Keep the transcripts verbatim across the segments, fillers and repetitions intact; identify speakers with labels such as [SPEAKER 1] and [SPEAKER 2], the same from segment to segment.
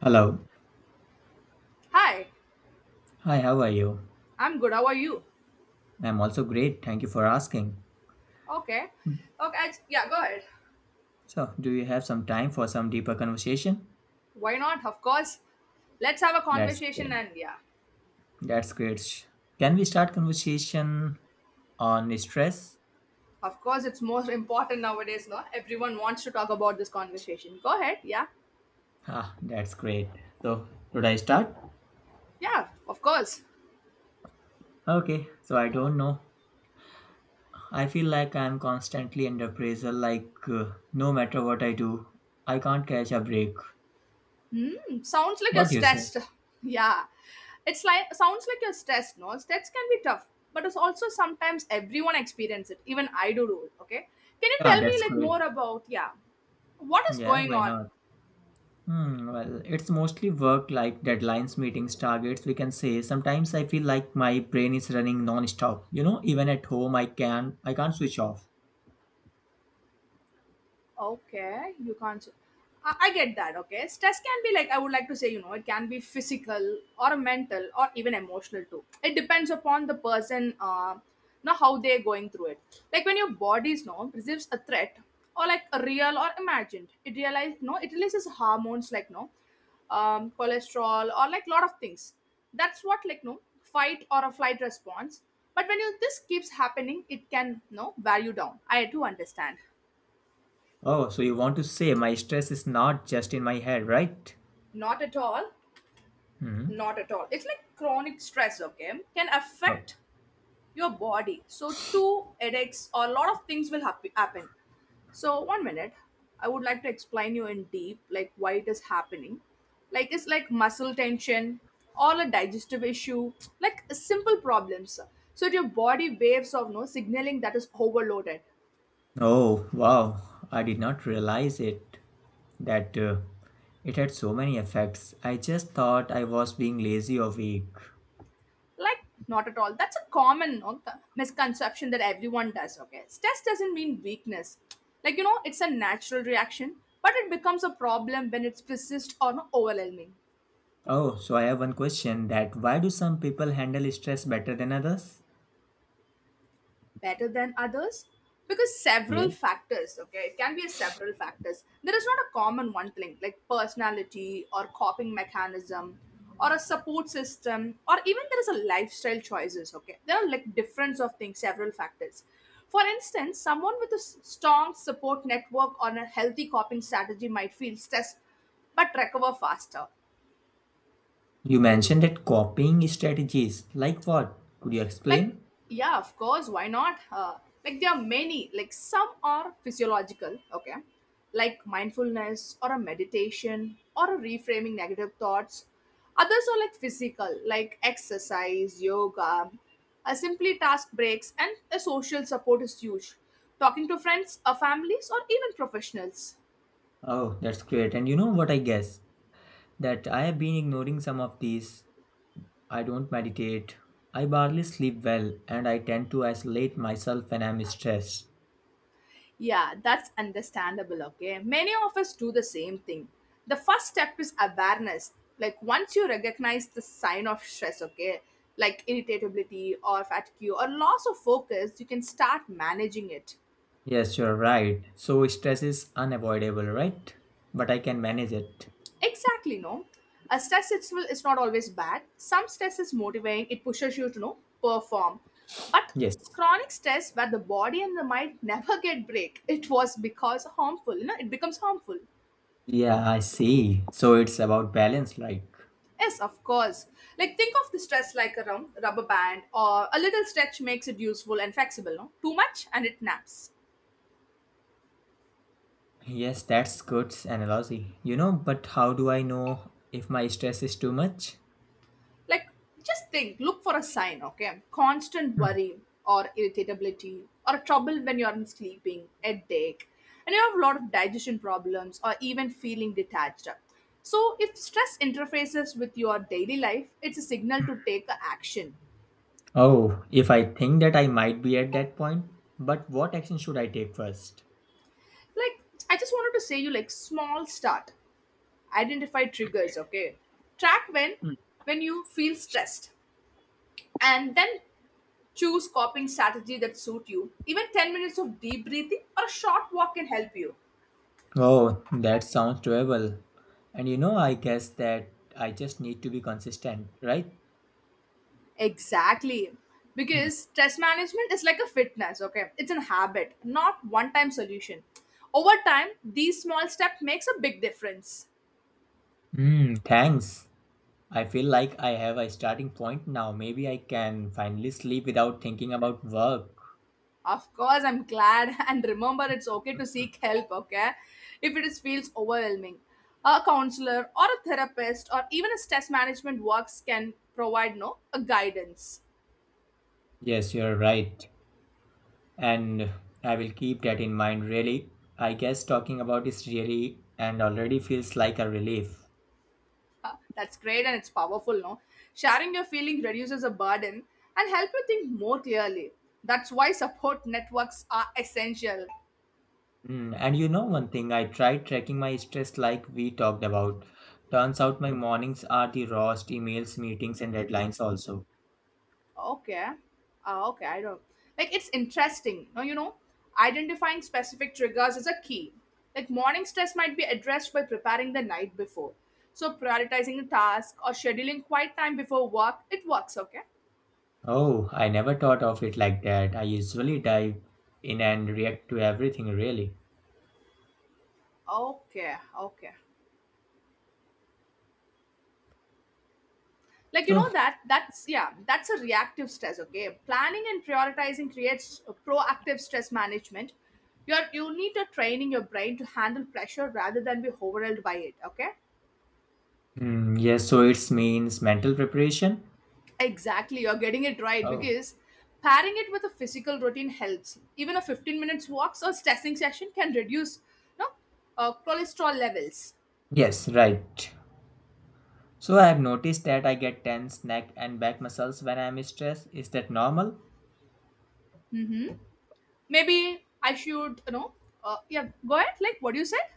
[SPEAKER 1] Hello.
[SPEAKER 2] Hi,
[SPEAKER 1] Hi, how are you?
[SPEAKER 2] I'm good. How are you?
[SPEAKER 1] I'm also great. Thank you for asking.
[SPEAKER 2] Okay. Okay. I- yeah, go ahead.
[SPEAKER 1] So, do you have some time for some deeper conversation?
[SPEAKER 2] Why not? Of course. Let's have a
[SPEAKER 1] That's
[SPEAKER 2] conversation
[SPEAKER 1] great.
[SPEAKER 2] and yeah.
[SPEAKER 1] That's great. Sh- Can we start conversation on stress?
[SPEAKER 2] Of course, it's most important nowadays, no? Everyone wants to talk about this conversation. Go ahead. Yeah.
[SPEAKER 1] Ah, that's great. So, should I start?
[SPEAKER 2] Yeah, of course.
[SPEAKER 1] Okay. So, I don't know. I feel like I'm constantly under pressure like uh, no matter what I do, I can't catch a break.
[SPEAKER 2] Hmm. Sounds like you're
[SPEAKER 1] What do you say?
[SPEAKER 2] stressed. Yeah. It's like sounds like you're stressed, no? Stress can be tough, but it's also sometimes everyone experience it. Even I do do it, okay? Can you
[SPEAKER 1] Yeah,
[SPEAKER 2] tell me
[SPEAKER 1] that's
[SPEAKER 2] like
[SPEAKER 1] great.
[SPEAKER 2] more about yeah, what is
[SPEAKER 1] Yeah,
[SPEAKER 2] going
[SPEAKER 1] why
[SPEAKER 2] on?
[SPEAKER 1] not? Hmm, well, it's mostly work like deadlines, meetings, targets, we can say. Sometimes I feel like my brain is running non-stop. You know, even at home I can I can't switch off.
[SPEAKER 2] Okay, you can't. I, I get that. Okay, stress can be like I would like to say, you know, it can be physical or mental or even emotional too. It depends upon the person, uh, you know, how they're going through it. Like when your body's no receives a threat or like a real or imagined, it realize no, it releases hormones like no, um, cholesterol or like lot of things. That's what like no fight or a flight response. But when you, this keeps happening, it can no value down. I do understand.
[SPEAKER 1] Oh, so you want to say my stress is not just in my head, right?
[SPEAKER 2] Not at all.
[SPEAKER 1] Hmm.
[SPEAKER 2] Not at all. It's like chronic stress, okay, can affect
[SPEAKER 1] Oh.
[SPEAKER 2] your body. So, two headaches or a lot of things will hap- happen. So, one minute, I would like to explain you in deep, like why it is happening. Like it's like muscle tension or a digestive issue, like simple problems. So, your body waves of no signaling that is overloaded.
[SPEAKER 1] Oh, wow. I did not realize it that uh, it had so many effects. I just thought I was being lazy or weak.
[SPEAKER 2] Like, not at all. That's a common no, co- misconception that everyone does. Okay, stress doesn't mean weakness. Like, you know, it's a natural reaction, but it becomes a problem when it's persist or no, overwhelming.
[SPEAKER 1] Oh, so I have one question that why do some people handle stress better than others?
[SPEAKER 2] Better than others because several
[SPEAKER 1] Yes.
[SPEAKER 2] factors. Okay, it can be a several factors. There is not a common one thing, like personality or coping mechanism or a support system, or even there is a lifestyle choices. Okay, there are like difference of things, several factors. For instance, someone with a s- strong support network or a healthy coping strategy might feel stressed but recover faster.
[SPEAKER 1] You mentioned that copying strategies. Like what? Could you
[SPEAKER 2] Like,
[SPEAKER 1] explain?
[SPEAKER 2] yeah, of course, why not, uh, like there are many. Like some are physiological, okay, like mindfulness or a meditation or a reframing negative thoughts. Others are like physical, like exercise, yoga, a simply task breaks, and a social support is huge, talking to friends or families or even professionals.
[SPEAKER 1] Oh, that's great. And you know what I guess? That I have been ignoring some of these. I don't meditate. I barely sleep well and I tend to isolate myself when I'm stressed.
[SPEAKER 2] Yeah, that's understandable, okay? Many of us do the same thing. The first step is awareness. Like, once you recognize the sign of stress, okay, like irritability or fatigue or loss of focus, you can start managing it.
[SPEAKER 1] Yes, you're right. So stress is unavoidable, right? But I can manage it.
[SPEAKER 2] Exactly, no? A stress itself is not always bad. Some stress is motivating, it pushes you to, know, perform. But
[SPEAKER 1] Yes.
[SPEAKER 2] chronic stress where the body and the mind never get break, it was because harmful, you know, it becomes harmful.
[SPEAKER 1] Yeah, I see. So it's about balance, like.
[SPEAKER 2] Yes, of course. Like think of the stress like a rum- rubber band, or a little stretch makes it useful and flexible, no? Too much and it naps.
[SPEAKER 1] Yes, that's good analogy. You know, but how do I know if my stress is too much?
[SPEAKER 2] Like just think, look for a sign, okay? Constant worry or irritability or trouble when you're in sleeping, headache, and you have a lot of digestion problems or even feeling detached. So if stress interfaces with your daily life, it's a signal to take a action.
[SPEAKER 1] Oh, if I think that I might be at that point, but what action should I take first?
[SPEAKER 2] Like, I just wanted to say you like small start, identify triggers, okay, track when
[SPEAKER 1] Mm.
[SPEAKER 2] when you feel stressed, and then choose coping strategy that suit you. Even ten minutes of deep breathing or a short walk can help you.
[SPEAKER 1] Oh, that sounds doable. And you know, I guess that I just need to be consistent, right?
[SPEAKER 2] Exactly,
[SPEAKER 1] Mm.
[SPEAKER 2] because stress management is like a fitness, okay, it's a habit not one time solution. Over time these small steps makes a big difference.
[SPEAKER 1] Hmm, thanks. I feel like I have a starting point now. Maybe I can finally sleep without thinking about work.
[SPEAKER 2] Of course, I'm glad. And remember, it's okay to seek help, okay? If it is, feels overwhelming. A counselor or a therapist or even a stress management works can provide no a guidance.
[SPEAKER 1] Yes, you're right. And I will keep that in mind, really. I guess talking about this really and already feels like a relief.
[SPEAKER 2] Uh, That's great and it's powerful, no? Sharing your feeling reduces a burden and help you think more clearly. That's why support networks are essential.
[SPEAKER 1] Mm, and you know one thing, I tried tracking my stress like we talked about. Turns out my mornings are the rawest emails, meetings, and deadlines also.
[SPEAKER 2] Okay. Uh, okay, I don't. Like, it's interesting. Now, you know, identifying specific triggers is a key. Like, morning stress might be addressed by preparing the night before. So, prioritizing a task or scheduling quiet time before work, it works, okay?
[SPEAKER 1] Oh, I never thought of it like that. I usually dive in and react to everything really.
[SPEAKER 2] Okay, okay. Like, you
[SPEAKER 1] So,
[SPEAKER 2] know, that, that's, yeah, that's a reactive stress, okay? Planning and prioritizing creates a proactive stress management. You're, you need to training your brain to handle pressure rather than be overwhelmed by it, okay?
[SPEAKER 1] mm, yes, so it means mental preparation.
[SPEAKER 2] Exactly, you're getting it right
[SPEAKER 1] Oh,
[SPEAKER 2] because pairing it with a physical routine helps. Even a fifteen minutes walks or stretching session can reduce, you know, uh, cholesterol levels.
[SPEAKER 1] yes, right. So I have noticed that I get tense neck and back muscles when I am stressed. Is that normal?
[SPEAKER 2] Mm-hmm. Maybe I should, you know, uh, yeah, go ahead. Like what you said.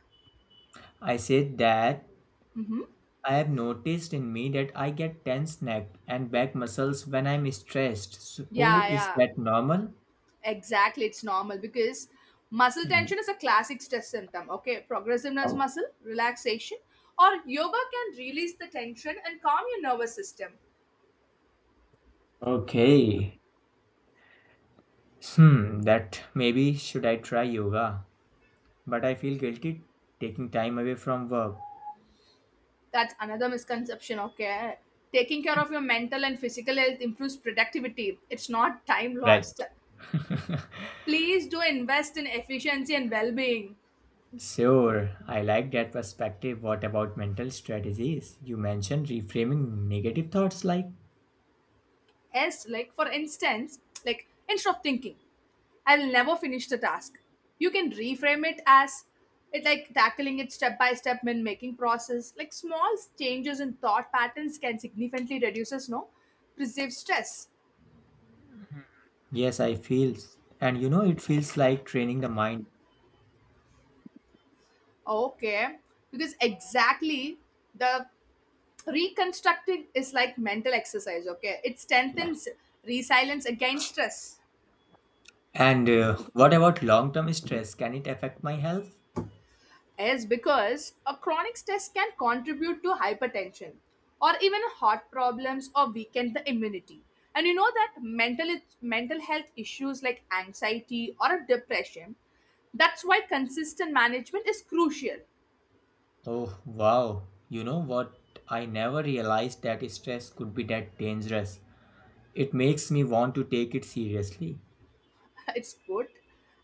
[SPEAKER 1] I said that
[SPEAKER 2] Mm-hmm.
[SPEAKER 1] I have noticed in me that I get tense neck and back muscles when I'm stressed. So
[SPEAKER 2] Yeah,
[SPEAKER 1] is
[SPEAKER 2] yeah,
[SPEAKER 1] that normal?
[SPEAKER 2] exactly. It's normal because muscle
[SPEAKER 1] Hmm.
[SPEAKER 2] tension is a classic stress symptom. Okay, progressiveness
[SPEAKER 1] Oh,
[SPEAKER 2] muscle relaxation or yoga can release the tension and calm your nervous system.
[SPEAKER 1] okay. Hmm, that maybe should I try yoga? But I feel guilty taking time away from work.
[SPEAKER 2] That's another misconception, okay. Taking care of your mental and physical health improves productivity, it's not time
[SPEAKER 1] Right.
[SPEAKER 2] lost. Please do invest in efficiency and well-being.
[SPEAKER 1] Sure, I like that perspective. What about mental strategies? You mentioned reframing negative thoughts like,
[SPEAKER 2] Yes, like for instance, like instead of thinking I'll never finish the task, you can reframe it as it like tackling it step by step. When making process, like small changes in thought patterns can significantly reduces no perceived stress.
[SPEAKER 1] yes, I feel. And you know, it feels like training the mind.
[SPEAKER 2] Okay, because exactly, the reconstructing is like mental exercise, okay, it
[SPEAKER 1] Yeah.
[SPEAKER 2] strengthens resilience against stress.
[SPEAKER 1] And uh, what about long term stress? Can it affect my health?
[SPEAKER 2] Is because a chronic stress can contribute to hypertension or even heart problems or weaken the immunity. And you know that mental mental health issues like anxiety or depression, that's why consistent management is crucial.
[SPEAKER 1] Oh, wow. You know what? I never realized that stress could be that dangerous. It makes me want to take it seriously.
[SPEAKER 2] It's good.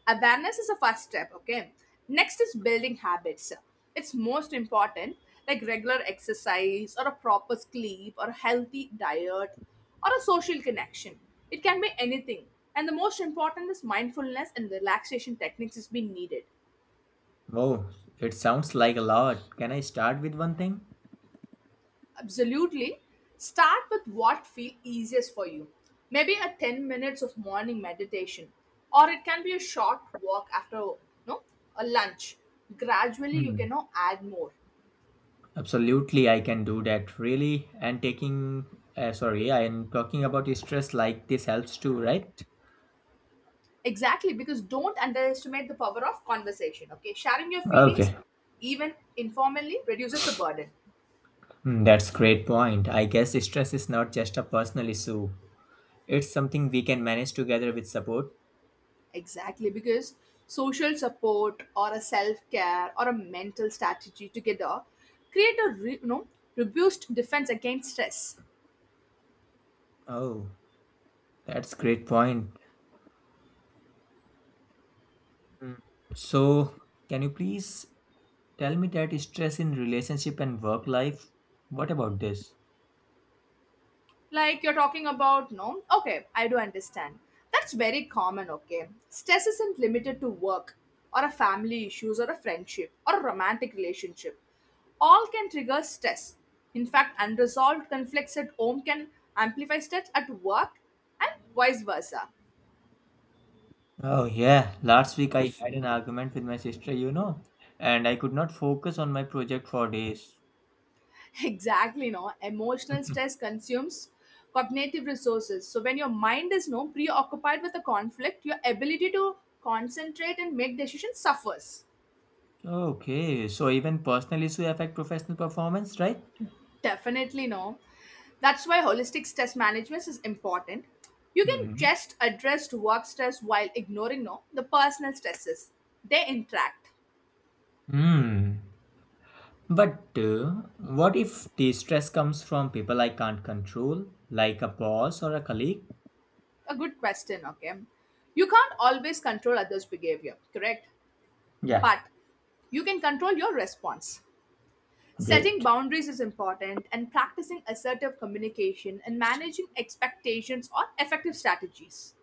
[SPEAKER 2] Awareness is a first step, okay. Next is building habits, it's most important. Like regular exercise or a proper sleep or a healthy diet or a social connection, it can be anything. And the most important is mindfulness and relaxation techniques is being needed.
[SPEAKER 1] Oh, it sounds like a lot. Can I start with one thing?
[SPEAKER 2] Absolutely. Start with what feels easiest for you. Maybe a ten minutes of morning meditation, or it can be a short walk after no a lunch. Gradually you
[SPEAKER 1] Hmm.
[SPEAKER 2] can now add more.
[SPEAKER 1] Absolutely, I can do that. Really, and taking, uh, sorry, and talking about stress like this helps too, right?
[SPEAKER 2] Exactly, because don't underestimate the power of conversation, okay? Sharing your feelings
[SPEAKER 1] Okay.
[SPEAKER 2] even informally reduces the burden.
[SPEAKER 1] Hmm, that's great point. I guess stress is not just a personal issue. It's something we can manage together with support.
[SPEAKER 2] Exactly, because social support or a self-care or a mental strategy together create a re- you know, reduced defense against stress.
[SPEAKER 1] Oh, that's great point. Mm. So, can you please tell me that stress in relationship and work life? What about this?
[SPEAKER 2] Like you're talking about no, okay, I do understand. That's very common, okay. Stress isn't limited to work or a family issues or a friendship or a romantic relationship, all can trigger stress. In fact, unresolved conflicts at home can amplify stress at work, and vice versa.
[SPEAKER 1] Oh, yeah. Last week I had an argument with my sister, you know, and I could not focus on my project for days.
[SPEAKER 2] Exactly, no, emotional stress consumes cognitive resources, so when your mind is no preoccupied with a conflict, your ability to concentrate and make decisions suffers.
[SPEAKER 1] Okay, so even personal issue affect professional performance, right?
[SPEAKER 2] Definitely no. That's why holistic stress management is important. You can
[SPEAKER 1] Hmm.
[SPEAKER 2] just address work stress while ignoring no the personal stresses. They interact.
[SPEAKER 1] Hmm. But uh, what if the stress comes from people I can't control, like a boss or a colleague?
[SPEAKER 2] A good question, okay? You can't always control others' behavior, correct?
[SPEAKER 1] Yeah,
[SPEAKER 2] But you can control your response. Setting
[SPEAKER 1] great.
[SPEAKER 2] boundaries is important, and practicing assertive communication and managing expectations are effective strategies.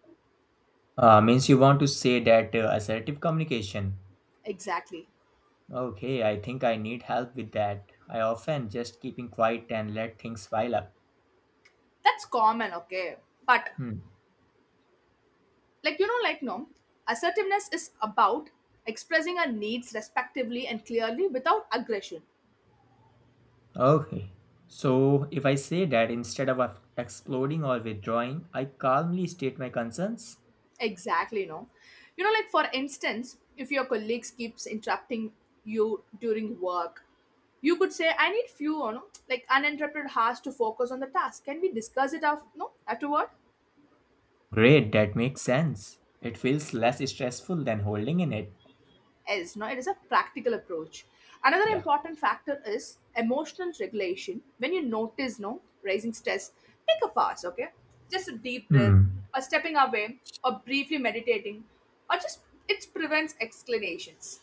[SPEAKER 1] Uh, means you want to say that uh, assertive communication.
[SPEAKER 2] Exactly.
[SPEAKER 1] Okay, I think I need help with that. I often just keeping quiet and let things pile up.
[SPEAKER 2] That's common, okay? But
[SPEAKER 1] Hmm.
[SPEAKER 2] like, you know, like no, assertiveness is about expressing our needs respectively and clearly without aggression.
[SPEAKER 1] Okay. So if I say that instead of ex- exploding or withdrawing, I calmly state my concerns.
[SPEAKER 2] Exactly, no, you know, like for instance, if your colleagues keeps interrupting you during work, you could say I need few, you know, like uninterrupted hours to focus on the task, can we discuss it after no afterward.
[SPEAKER 1] Great, that makes sense. It feels less stressful than holding in it.
[SPEAKER 2] Is no, it is a practical approach. Another
[SPEAKER 1] Yeah.
[SPEAKER 2] important factor is emotional regulation. When you notice no raising stress, take a pause, okay, just a deep breath
[SPEAKER 1] Hmm.
[SPEAKER 2] or stepping away or briefly meditating or just, it prevents explanations.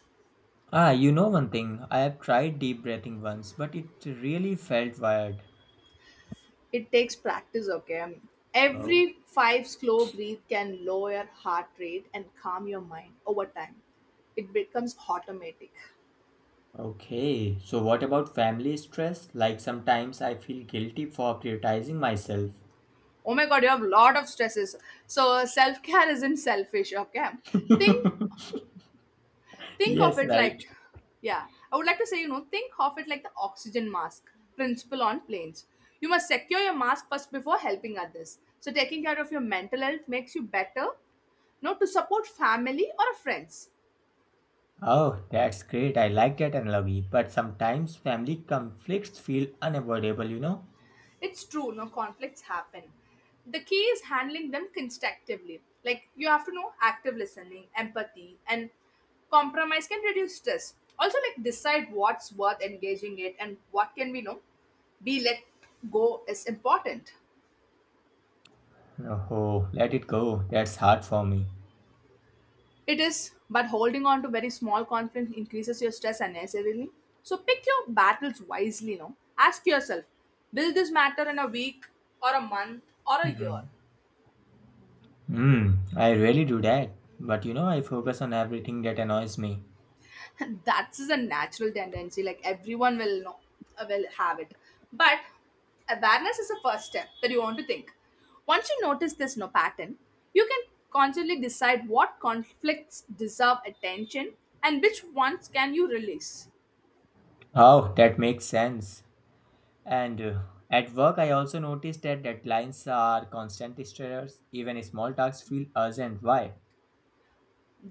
[SPEAKER 1] Ah, you know one thing. I have tried deep breathing once, but it really felt weird.
[SPEAKER 2] It takes practice, okay. Um,
[SPEAKER 1] Oh,
[SPEAKER 2] every five slow breath can lower your heart rate and calm your mind. Over time it becomes automatic.
[SPEAKER 1] okay. So, what about family stress? Like, sometimes I feel guilty for prioritizing myself.
[SPEAKER 2] Oh my god, you have a lot of stresses. So self-care isn't selfish, okay. think think of
[SPEAKER 1] Yes,
[SPEAKER 2] it
[SPEAKER 1] right.
[SPEAKER 2] like, yeah, I would like to say, you know, think of it like the oxygen mask principle on planes. You must secure your mask first before helping others, so taking care of your mental health makes you better you know to support family or friends.
[SPEAKER 1] Oh, that's great. I like that analogy. But sometimes family conflicts feel unavoidable, you know?
[SPEAKER 2] It's true, no, conflicts happen. The key is handling them constructively. Like you have to know active listening, empathy, and compromise can reduce stress. Also, like decide what's worth engaging it and what can we know be let go is important.
[SPEAKER 1] Oh, let it go. That's hard for me.
[SPEAKER 2] It is, but holding on to very small conflicts increases your stress unnecessarily. So pick your battles wisely. No, ask yourself: will this matter in a week or a month or a year?
[SPEAKER 1] Hmm. Hmm. I really do that. But you know, I focus on everything that annoys me.
[SPEAKER 2] That's a natural tendency. Like, everyone will know uh, will have it, but awareness is the first step. That you want to think, once you notice this no pattern, you can constantly decide what conflicts deserve attention and which ones can you release.
[SPEAKER 1] Oh, that makes sense. And uh, at work, I also noticed that deadlines are constant stressors. Even small tasks feel urgent. Why?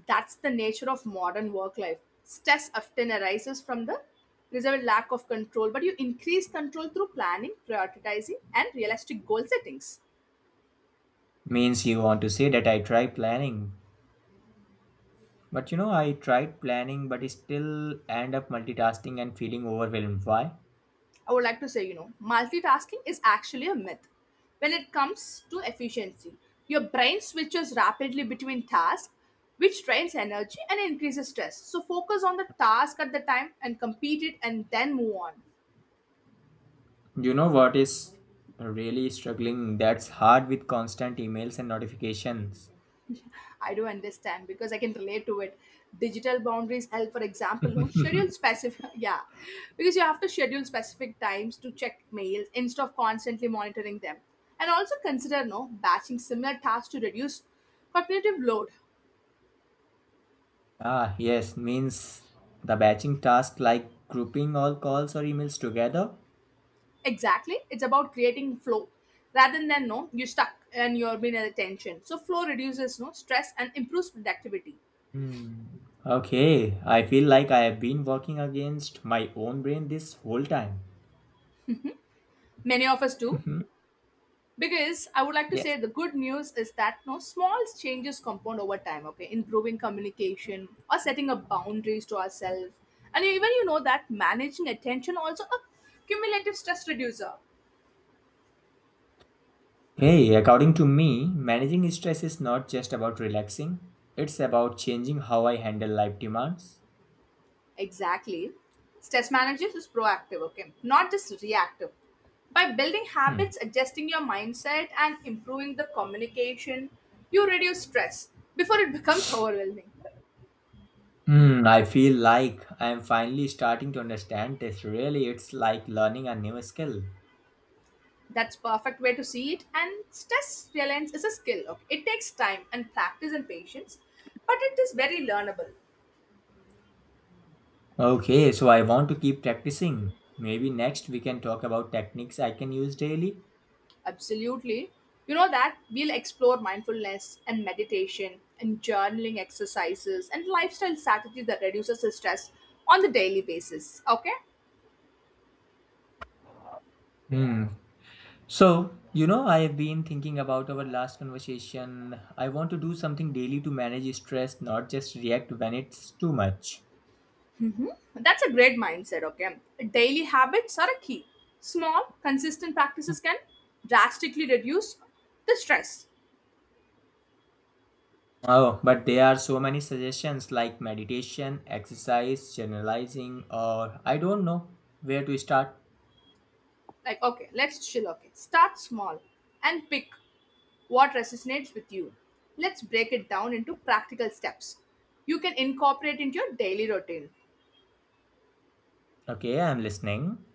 [SPEAKER 2] That's the nature of modern work life. Stress often arises from the reserved lack of control, but you increase control through planning, prioritizing, and realistic goal settings.
[SPEAKER 1] Means you want to say that I try planning. But you know, I tried planning, but still end up multitasking and feeling overwhelmed. Why?
[SPEAKER 2] I would like to say, you know, multitasking is actually a myth. When it comes to efficiency, your brain switches rapidly between tasks, which drains energy and increases stress. So focus on the task at the time and complete it and then move on.
[SPEAKER 1] You know what is really struggling? That's hard with constant emails and notifications.
[SPEAKER 2] I do understand because I can relate to it. Digital boundaries help. For example, no schedule specific, yeah, because you have to schedule specific times to check mails instead of constantly monitoring them, and also consider no batching similar tasks to reduce cognitive load.
[SPEAKER 1] Ah, yes, means the batching task like grouping all calls or emails together.
[SPEAKER 2] Exactly. It's about creating flow rather than no, you're stuck and you're being at tension. So flow reduces no stress and improves productivity.
[SPEAKER 1] Hmm. Okay, I feel like I have been working against my own brain this whole time.
[SPEAKER 2] Many of us do.
[SPEAKER 1] Mhm.
[SPEAKER 2] Because I would like to
[SPEAKER 1] Yes.
[SPEAKER 2] say, the good news is that no small changes compound over time, okay? Improving communication or setting up boundaries to ourselves. And even you know that managing attention also a cumulative stress reducer.
[SPEAKER 1] Hey, according to me, managing stress is not just about relaxing, it's about changing how I handle life demands.
[SPEAKER 2] Exactly. Stress management is proactive, okay? Not just reactive. By building
[SPEAKER 1] Hmm.
[SPEAKER 2] habits, adjusting your mindset, and improving the communication, you reduce stress before it becomes overwhelming.
[SPEAKER 1] Hmm, I feel like I am finally starting to understand this. Really, it's like learning a new skill.
[SPEAKER 2] That's perfect way to see it. And stress reliance is a skill. Okay? It takes time and practice and patience, but it is very learnable.
[SPEAKER 1] Okay, so I want to keep practicing. Maybe next we can talk about techniques I can use daily.
[SPEAKER 2] Absolutely. You know that we'll explore mindfulness and meditation and journaling exercises and lifestyle strategy that reduces the stress on the daily basis. Okay?
[SPEAKER 1] Hmm. So, you know, I have been thinking about our last conversation. I want to do something daily to manage stress, not just react when it's too much.
[SPEAKER 2] Hmm. That's a great mindset. Okay? Daily habits are a key. Small, consistent practices can drastically reduce the stress.
[SPEAKER 1] Oh, but there are so many suggestions like meditation, exercise, generalizing, or I don't know where to start.
[SPEAKER 2] Like, okay, let's chill. Okay? Start small and pick what resonates with you. Let's break it down into practical steps you can incorporate into your daily routine.
[SPEAKER 1] Okay, I'm listening.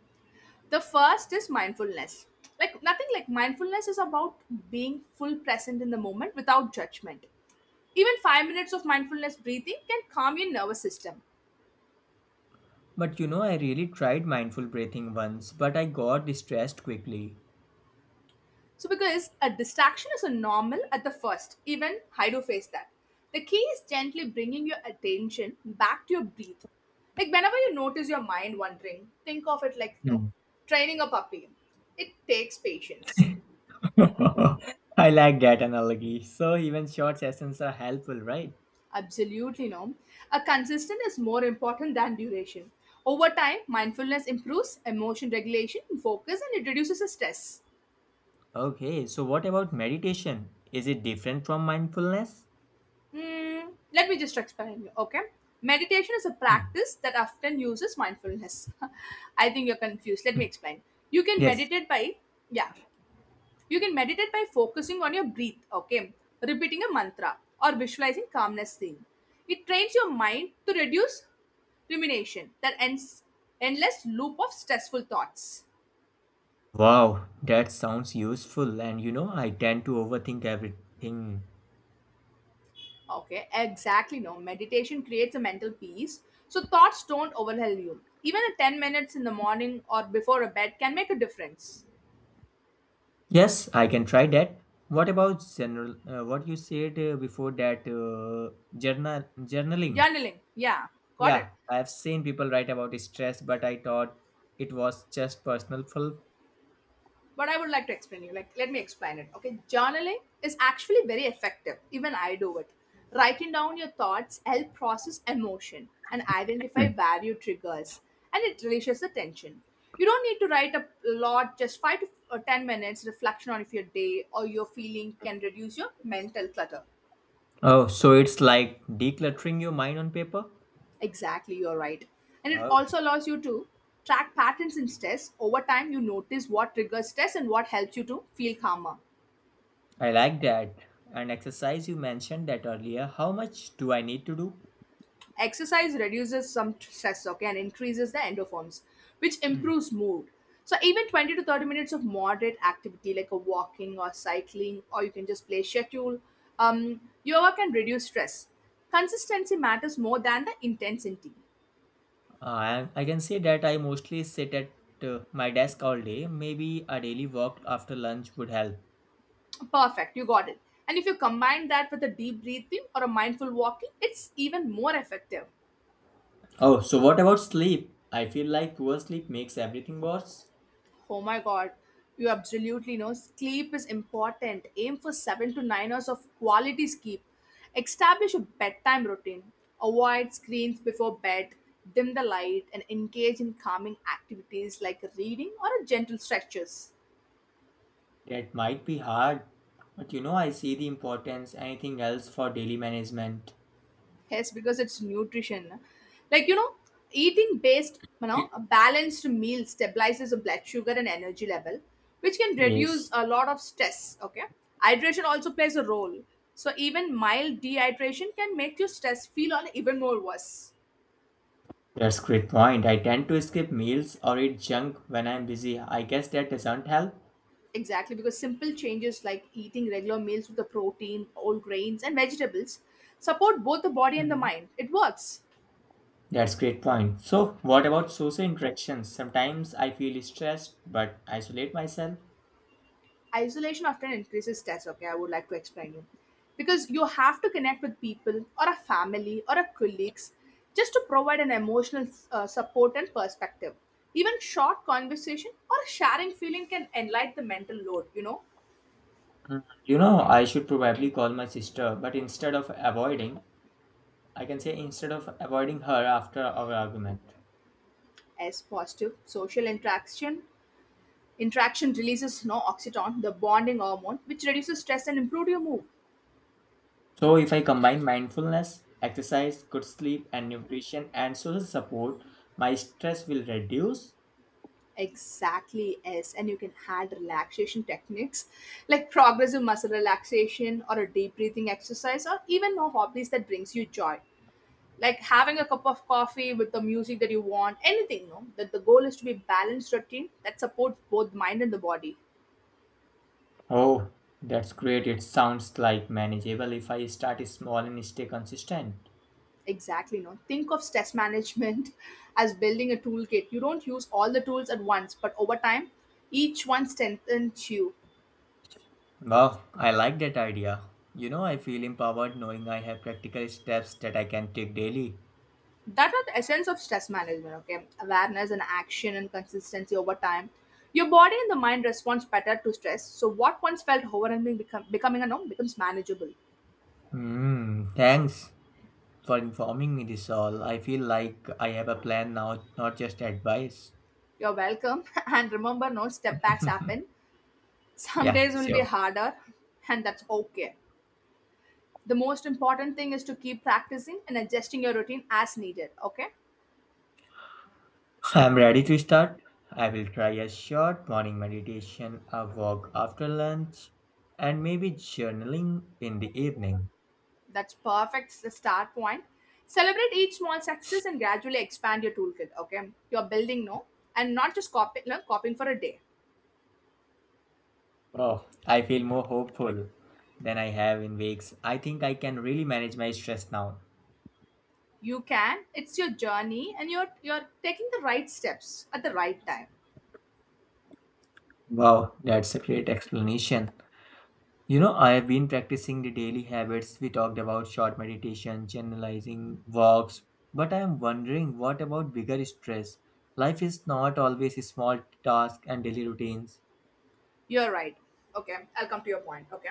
[SPEAKER 2] The first is mindfulness. Like, nothing, like mindfulness is about being full present in the moment without judgment. Even five minutes of mindfulness breathing can calm your nervous system.
[SPEAKER 1] But you know, I really tried mindful breathing once, but I got distressed quickly.
[SPEAKER 2] So because a distraction is a normal at the first, even I do face that. The key is gently bringing your attention back to your breath. Like, whenever you notice your mind wandering, think of it like no,
[SPEAKER 1] Hmm.
[SPEAKER 2] training a puppy. It takes patience.
[SPEAKER 1] I like that analogy. So, even short sessions are helpful, right?
[SPEAKER 2] Absolutely no. A consistent is more important than duration. Over time, mindfulness improves emotion regulation, focus, and it reduces the stress.
[SPEAKER 1] Okay, so what about meditation? Is it different from mindfulness?
[SPEAKER 2] Hmm, let me just explain you, okay? Meditation is a
[SPEAKER 1] Hmm,
[SPEAKER 2] practice that often uses mindfulness. I think you're confused. Let me explain. You can
[SPEAKER 1] yes.
[SPEAKER 2] meditate by, yeah, you can meditate by focusing on your breath, okay? Repeating a mantra or visualizing calmness theme. It trains your mind to reduce rumination, that ends endless loop of stressful thoughts.
[SPEAKER 1] Wow, that sounds useful. And you know, I tend to overthink everything.
[SPEAKER 2] Okay, exactly. No, meditation creates a mental peace, so thoughts don't overwhelm you. Even a ten minutes in the morning or before a bed can make a difference.
[SPEAKER 1] Yes, I can try that. What about general? Uh, what you said uh, before that uh, journal journaling?
[SPEAKER 2] Journaling, yeah, got
[SPEAKER 1] Yeah,
[SPEAKER 2] it.
[SPEAKER 1] I have seen people write about stress, but I thought it was just personal. ful-
[SPEAKER 2] But I would like to explain you, like let me explain it. Okay, journaling is actually very effective, even I do it. Writing down your thoughts help process emotion and
[SPEAKER 1] Hmm.
[SPEAKER 2] identify value triggers, and it releases the tension. You don't need to write a lot, just five to uh, ten minutes reflection on if your day or your feeling can reduce your mental clutter.
[SPEAKER 1] Oh, so it's like decluttering your mind on paper.
[SPEAKER 2] Exactly, you're right. And it
[SPEAKER 1] Okay.
[SPEAKER 2] also allows you to track patterns in stress over time. You notice what triggers stress and what helps you to feel calmer.
[SPEAKER 1] I like that. And exercise, you mentioned that earlier. How much do I need to do?
[SPEAKER 2] Exercise reduces some t- stress, okay, and increases the endorphins, which
[SPEAKER 1] Hmm.
[SPEAKER 2] improves mood. So even twenty to thirty minutes of moderate activity like a walking or cycling, or you can just play schedule, um, yoga can reduce stress. Consistency matters more than the intensity.
[SPEAKER 1] I, I can say that I mostly sit at uh, my desk all day. Maybe a daily walk after lunch would help.
[SPEAKER 2] Perfect, you got it. And if you combine that with a deep breathing or a mindful walking, it's even more effective.
[SPEAKER 1] Oh, so what about sleep? I feel like poor sleep makes everything worse.
[SPEAKER 2] Oh my God, you absolutely know. Sleep is important. Aim for seven to nine hours of quality sleep. Establish a bedtime routine. Avoid screens before bed. Dim the light and engage in calming activities like reading or gentle stretches.
[SPEAKER 1] That might be hard, but you know, I see the importance. Anything else for daily management?
[SPEAKER 2] Yes, because it's nutrition. Like, you know, eating based, you know, a balanced meal stabilizes the blood sugar and energy level, which can
[SPEAKER 1] Yes,
[SPEAKER 2] reduce a lot of stress. Okay. Hydration also plays a role. So even mild dehydration can make your stress feel on even more worse.
[SPEAKER 1] that's great point. I tend to skip meals or eat junk when I'm busy. I guess that doesn't help.
[SPEAKER 2] Exactly, because simple changes like eating regular meals with the protein, whole grains, and vegetables support both the body and the
[SPEAKER 1] Mhm.
[SPEAKER 2] mind. It works.
[SPEAKER 1] That's great point. So, what about social interactions? Sometimes I feel stressed but isolate myself.
[SPEAKER 2] Isolation often increases stress. Okay, I would like to explain you, because you have to connect with people or a family or a colleagues just to provide an emotional uh, support and perspective. Even short conversation or sharing feeling can enlighten the mental load, you know.
[SPEAKER 1] You know, I should probably call my sister, but instead of avoiding, I can say instead of avoiding her after our argument.
[SPEAKER 2] As positive social interaction, interaction releases no oxytocin, the bonding hormone, which reduces stress and improves your mood.
[SPEAKER 1] So, if I combine mindfulness, exercise, good sleep, and nutrition and social support, my stress will reduce.
[SPEAKER 2] Exactly, yes. And you can add relaxation techniques like progressive muscle relaxation or a deep breathing exercise or even more hobbies that brings you joy. Like having a cup of coffee with the music that you want, anything, no? That the goal is to be balanced routine that supports both mind and the body.
[SPEAKER 1] Oh, that's great. It sounds like manageable if I start small and stay consistent.
[SPEAKER 2] Exactly, no? Think of stress management as building a toolkit. You don't use all the tools at once, but over time, each one strengthens you.
[SPEAKER 1] Wow, I like that idea. You know, I feel empowered knowing I have practical steps that I can take daily.
[SPEAKER 2] That are the essence of stress management. Okay, awareness and action and consistency. Over time, your body and the mind responds better to stress, so what once felt overwhelming become, becoming a norm becomes manageable.
[SPEAKER 1] Hmm, thanks for informing me this all. I feel like I have a plan now, not just advice.
[SPEAKER 2] You're welcome. And remember, no step backs happen. Some
[SPEAKER 1] Yeah,
[SPEAKER 2] days will be
[SPEAKER 1] sure.
[SPEAKER 2] harder, and that's okay. The most important thing is to keep practicing and adjusting your routine as needed, okay?
[SPEAKER 1] I'm ready to start. I will try a short morning meditation, a walk after lunch, and maybe journaling in the evening.
[SPEAKER 2] That's perfect. It's the start point. Celebrate each small success and gradually expand your toolkit. Okay, you're building no, and not just copy, no, copying for a day.
[SPEAKER 1] Oh, I feel more hopeful than I have in weeks. I think I can really manage my stress now.
[SPEAKER 2] You can. It's your journey, and you're you're taking the right steps at the right time.
[SPEAKER 1] Wow, that's a great explanation. You know, I have been practicing the daily habits we talked about short meditation, generalizing walks, but I am wondering what about bigger stress? Life is not always small tasks and daily routines.
[SPEAKER 2] You're right. Okay, I'll come to your point. Okay,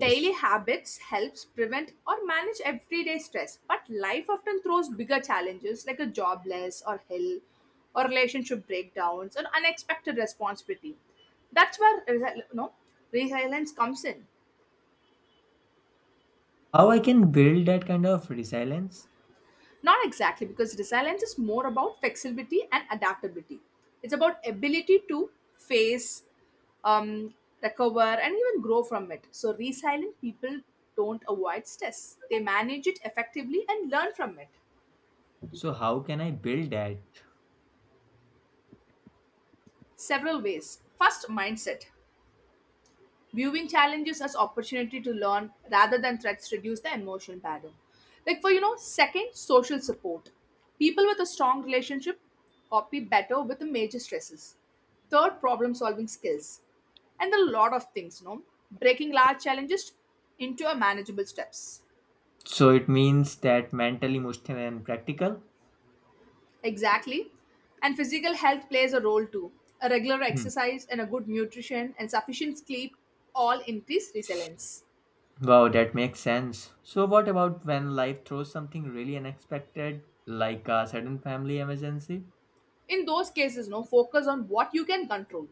[SPEAKER 2] daily habits helps prevent or manage everyday stress, but life often throws bigger challenges like a jobless or ill or relationship breakdowns or unexpected responsibility. That's where resi- no resilience comes in.
[SPEAKER 1] How I can build that kind of resilience?
[SPEAKER 2] Not exactly, because resilience is more about flexibility and adaptability. It's about ability to face, um, recover, and even grow from it. So resilient people don't avoid stress; they manage it effectively and learn from it.
[SPEAKER 1] So how can I build that?
[SPEAKER 2] Several ways. First, mindset. Viewing challenges as opportunity to learn rather than threats reduce the emotional burden. Like for you know, second, social support. People with a strong relationship copy better with the major stresses. Third, problem solving skills. And a lot of things, no? Breaking large challenges into a manageable steps.
[SPEAKER 1] So it means that mental, emotional and practical?
[SPEAKER 2] Exactly. And physical health plays a role too. A regular
[SPEAKER 1] Hmm.
[SPEAKER 2] exercise and a good nutrition and sufficient sleep all increase resilience.
[SPEAKER 1] Wow, that makes sense. So, what about when life throws something really unexpected, like a sudden family emergency?
[SPEAKER 2] In those cases, no, focus on what you can control.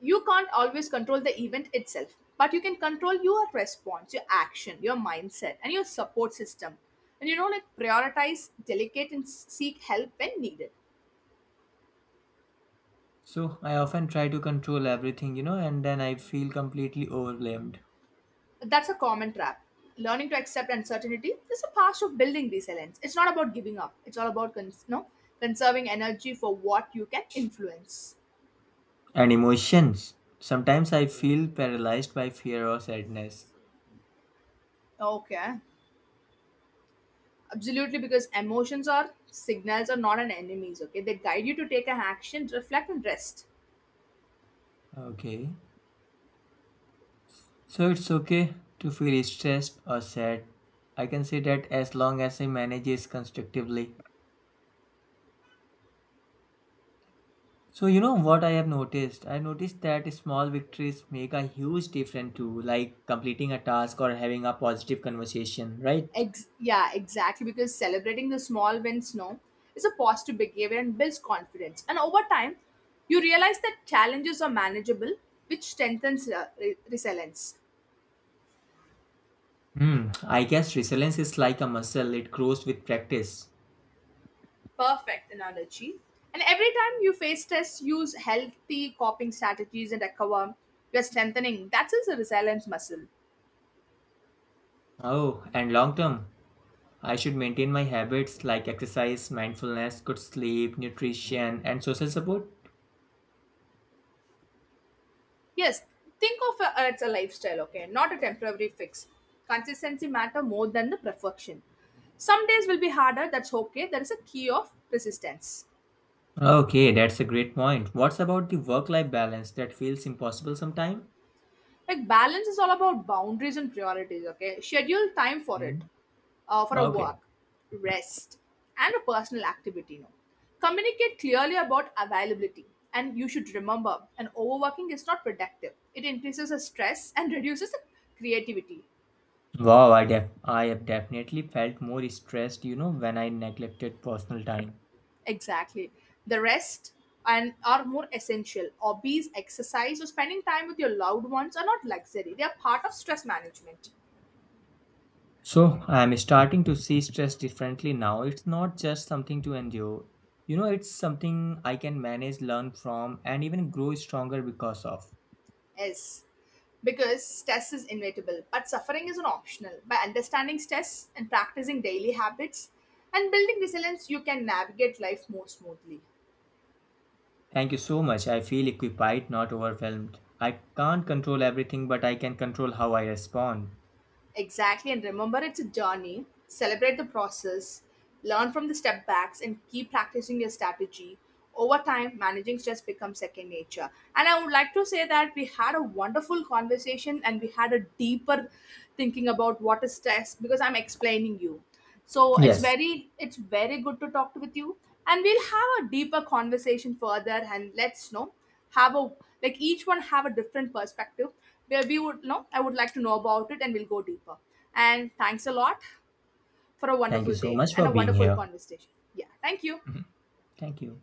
[SPEAKER 2] You can't always control the event itself, but you can control your response, your action, your mindset, and your support system. And you know, like prioritize, delegate, and s- seek help when needed.
[SPEAKER 1] So, I often try to control everything, you know, and then I feel completely overwhelmed.
[SPEAKER 2] That's a common trap. Learning to accept uncertainty is a part of building resilience. It's not about giving up, it's all about cons- no conserving energy for what you can influence.
[SPEAKER 1] And emotions. Sometimes I feel paralyzed by fear or sadness.
[SPEAKER 2] Okay. Absolutely, because emotions are signals, are not an enemies. Okay, they guide you to take an action, reflect, and rest.
[SPEAKER 1] Okay. So, it's okay to feel stressed or sad. I can say that as long as I manage it constructively. So you know what I have noticed? I noticed that small victories make a huge difference too, like completing a task or having a positive conversation, right?
[SPEAKER 2] Ex- yeah, exactly. Because celebrating the small wins, no, is a positive behavior and builds confidence. And over time, you realize that challenges are manageable, which strengthens uh, re- resilience.
[SPEAKER 1] Hmm. I guess resilience is like a muscle, it grows with practice.
[SPEAKER 2] Perfect analogy. And every time you face tests, use healthy coping strategies and recover. You're strengthening that's just a resilience muscle.
[SPEAKER 1] Oh, and long term, I should maintain my habits like exercise, mindfulness, good sleep, nutrition, and social support.
[SPEAKER 2] Yes, think of it as a lifestyle, okay, not a temporary fix. Consistency matter more than the perfection. Some days will be harder, that's okay. There is a key of persistence.
[SPEAKER 1] Okay, that's a great point. What's about the work life balance that feels impossible sometimes?
[SPEAKER 2] Like, balance is all about boundaries and priorities, okay? Schedule time for it, uh, for a
[SPEAKER 1] Okay.
[SPEAKER 2] work, rest, and a personal activity, no. Communicate clearly about availability. And you should remember, an overworking is not productive. It increases the stress and reduces the creativity.
[SPEAKER 1] Wow, I def I have definitely felt more stressed, you know, when I neglected personal time.
[SPEAKER 2] Exactly. The rest and are more essential. Hobbies, exercise, or spending time with your loved ones are not luxury. They are part of stress management.
[SPEAKER 1] So I'm starting to see stress differently now. It's not just something to endure. You know, it's something I can manage, learn from, and even grow stronger because of.
[SPEAKER 2] Yes. Because stress is inevitable, but suffering is an optional. By understanding stress and practicing daily habits and building resilience, you can navigate life more smoothly.
[SPEAKER 1] Thank you so much. I feel equipped, not overwhelmed. I can't control everything, but I can control how I respond.
[SPEAKER 2] Exactly, and remember, it's a journey. Celebrate the process, learn from the step backs, and keep practicing your strategy. Over time, managing stress becomes second nature. And I would like to say that we had a wonderful conversation and we had a deeper thinking about what is stress because I'm explaining you, so it's
[SPEAKER 1] Yes.
[SPEAKER 2] very it's very good to talk with you, and we'll have a deeper conversation further. And let's know, have a, like each one have a different perspective, where we would know. I would like to know about it, and we'll go deeper. And thanks a lot for a
[SPEAKER 1] Thank you
[SPEAKER 2] wonderful
[SPEAKER 1] so
[SPEAKER 2] day
[SPEAKER 1] much
[SPEAKER 2] and
[SPEAKER 1] for
[SPEAKER 2] a
[SPEAKER 1] being
[SPEAKER 2] wonderful
[SPEAKER 1] here.
[SPEAKER 2] conversation. Yeah, thank you.
[SPEAKER 1] Mhm. Thank you.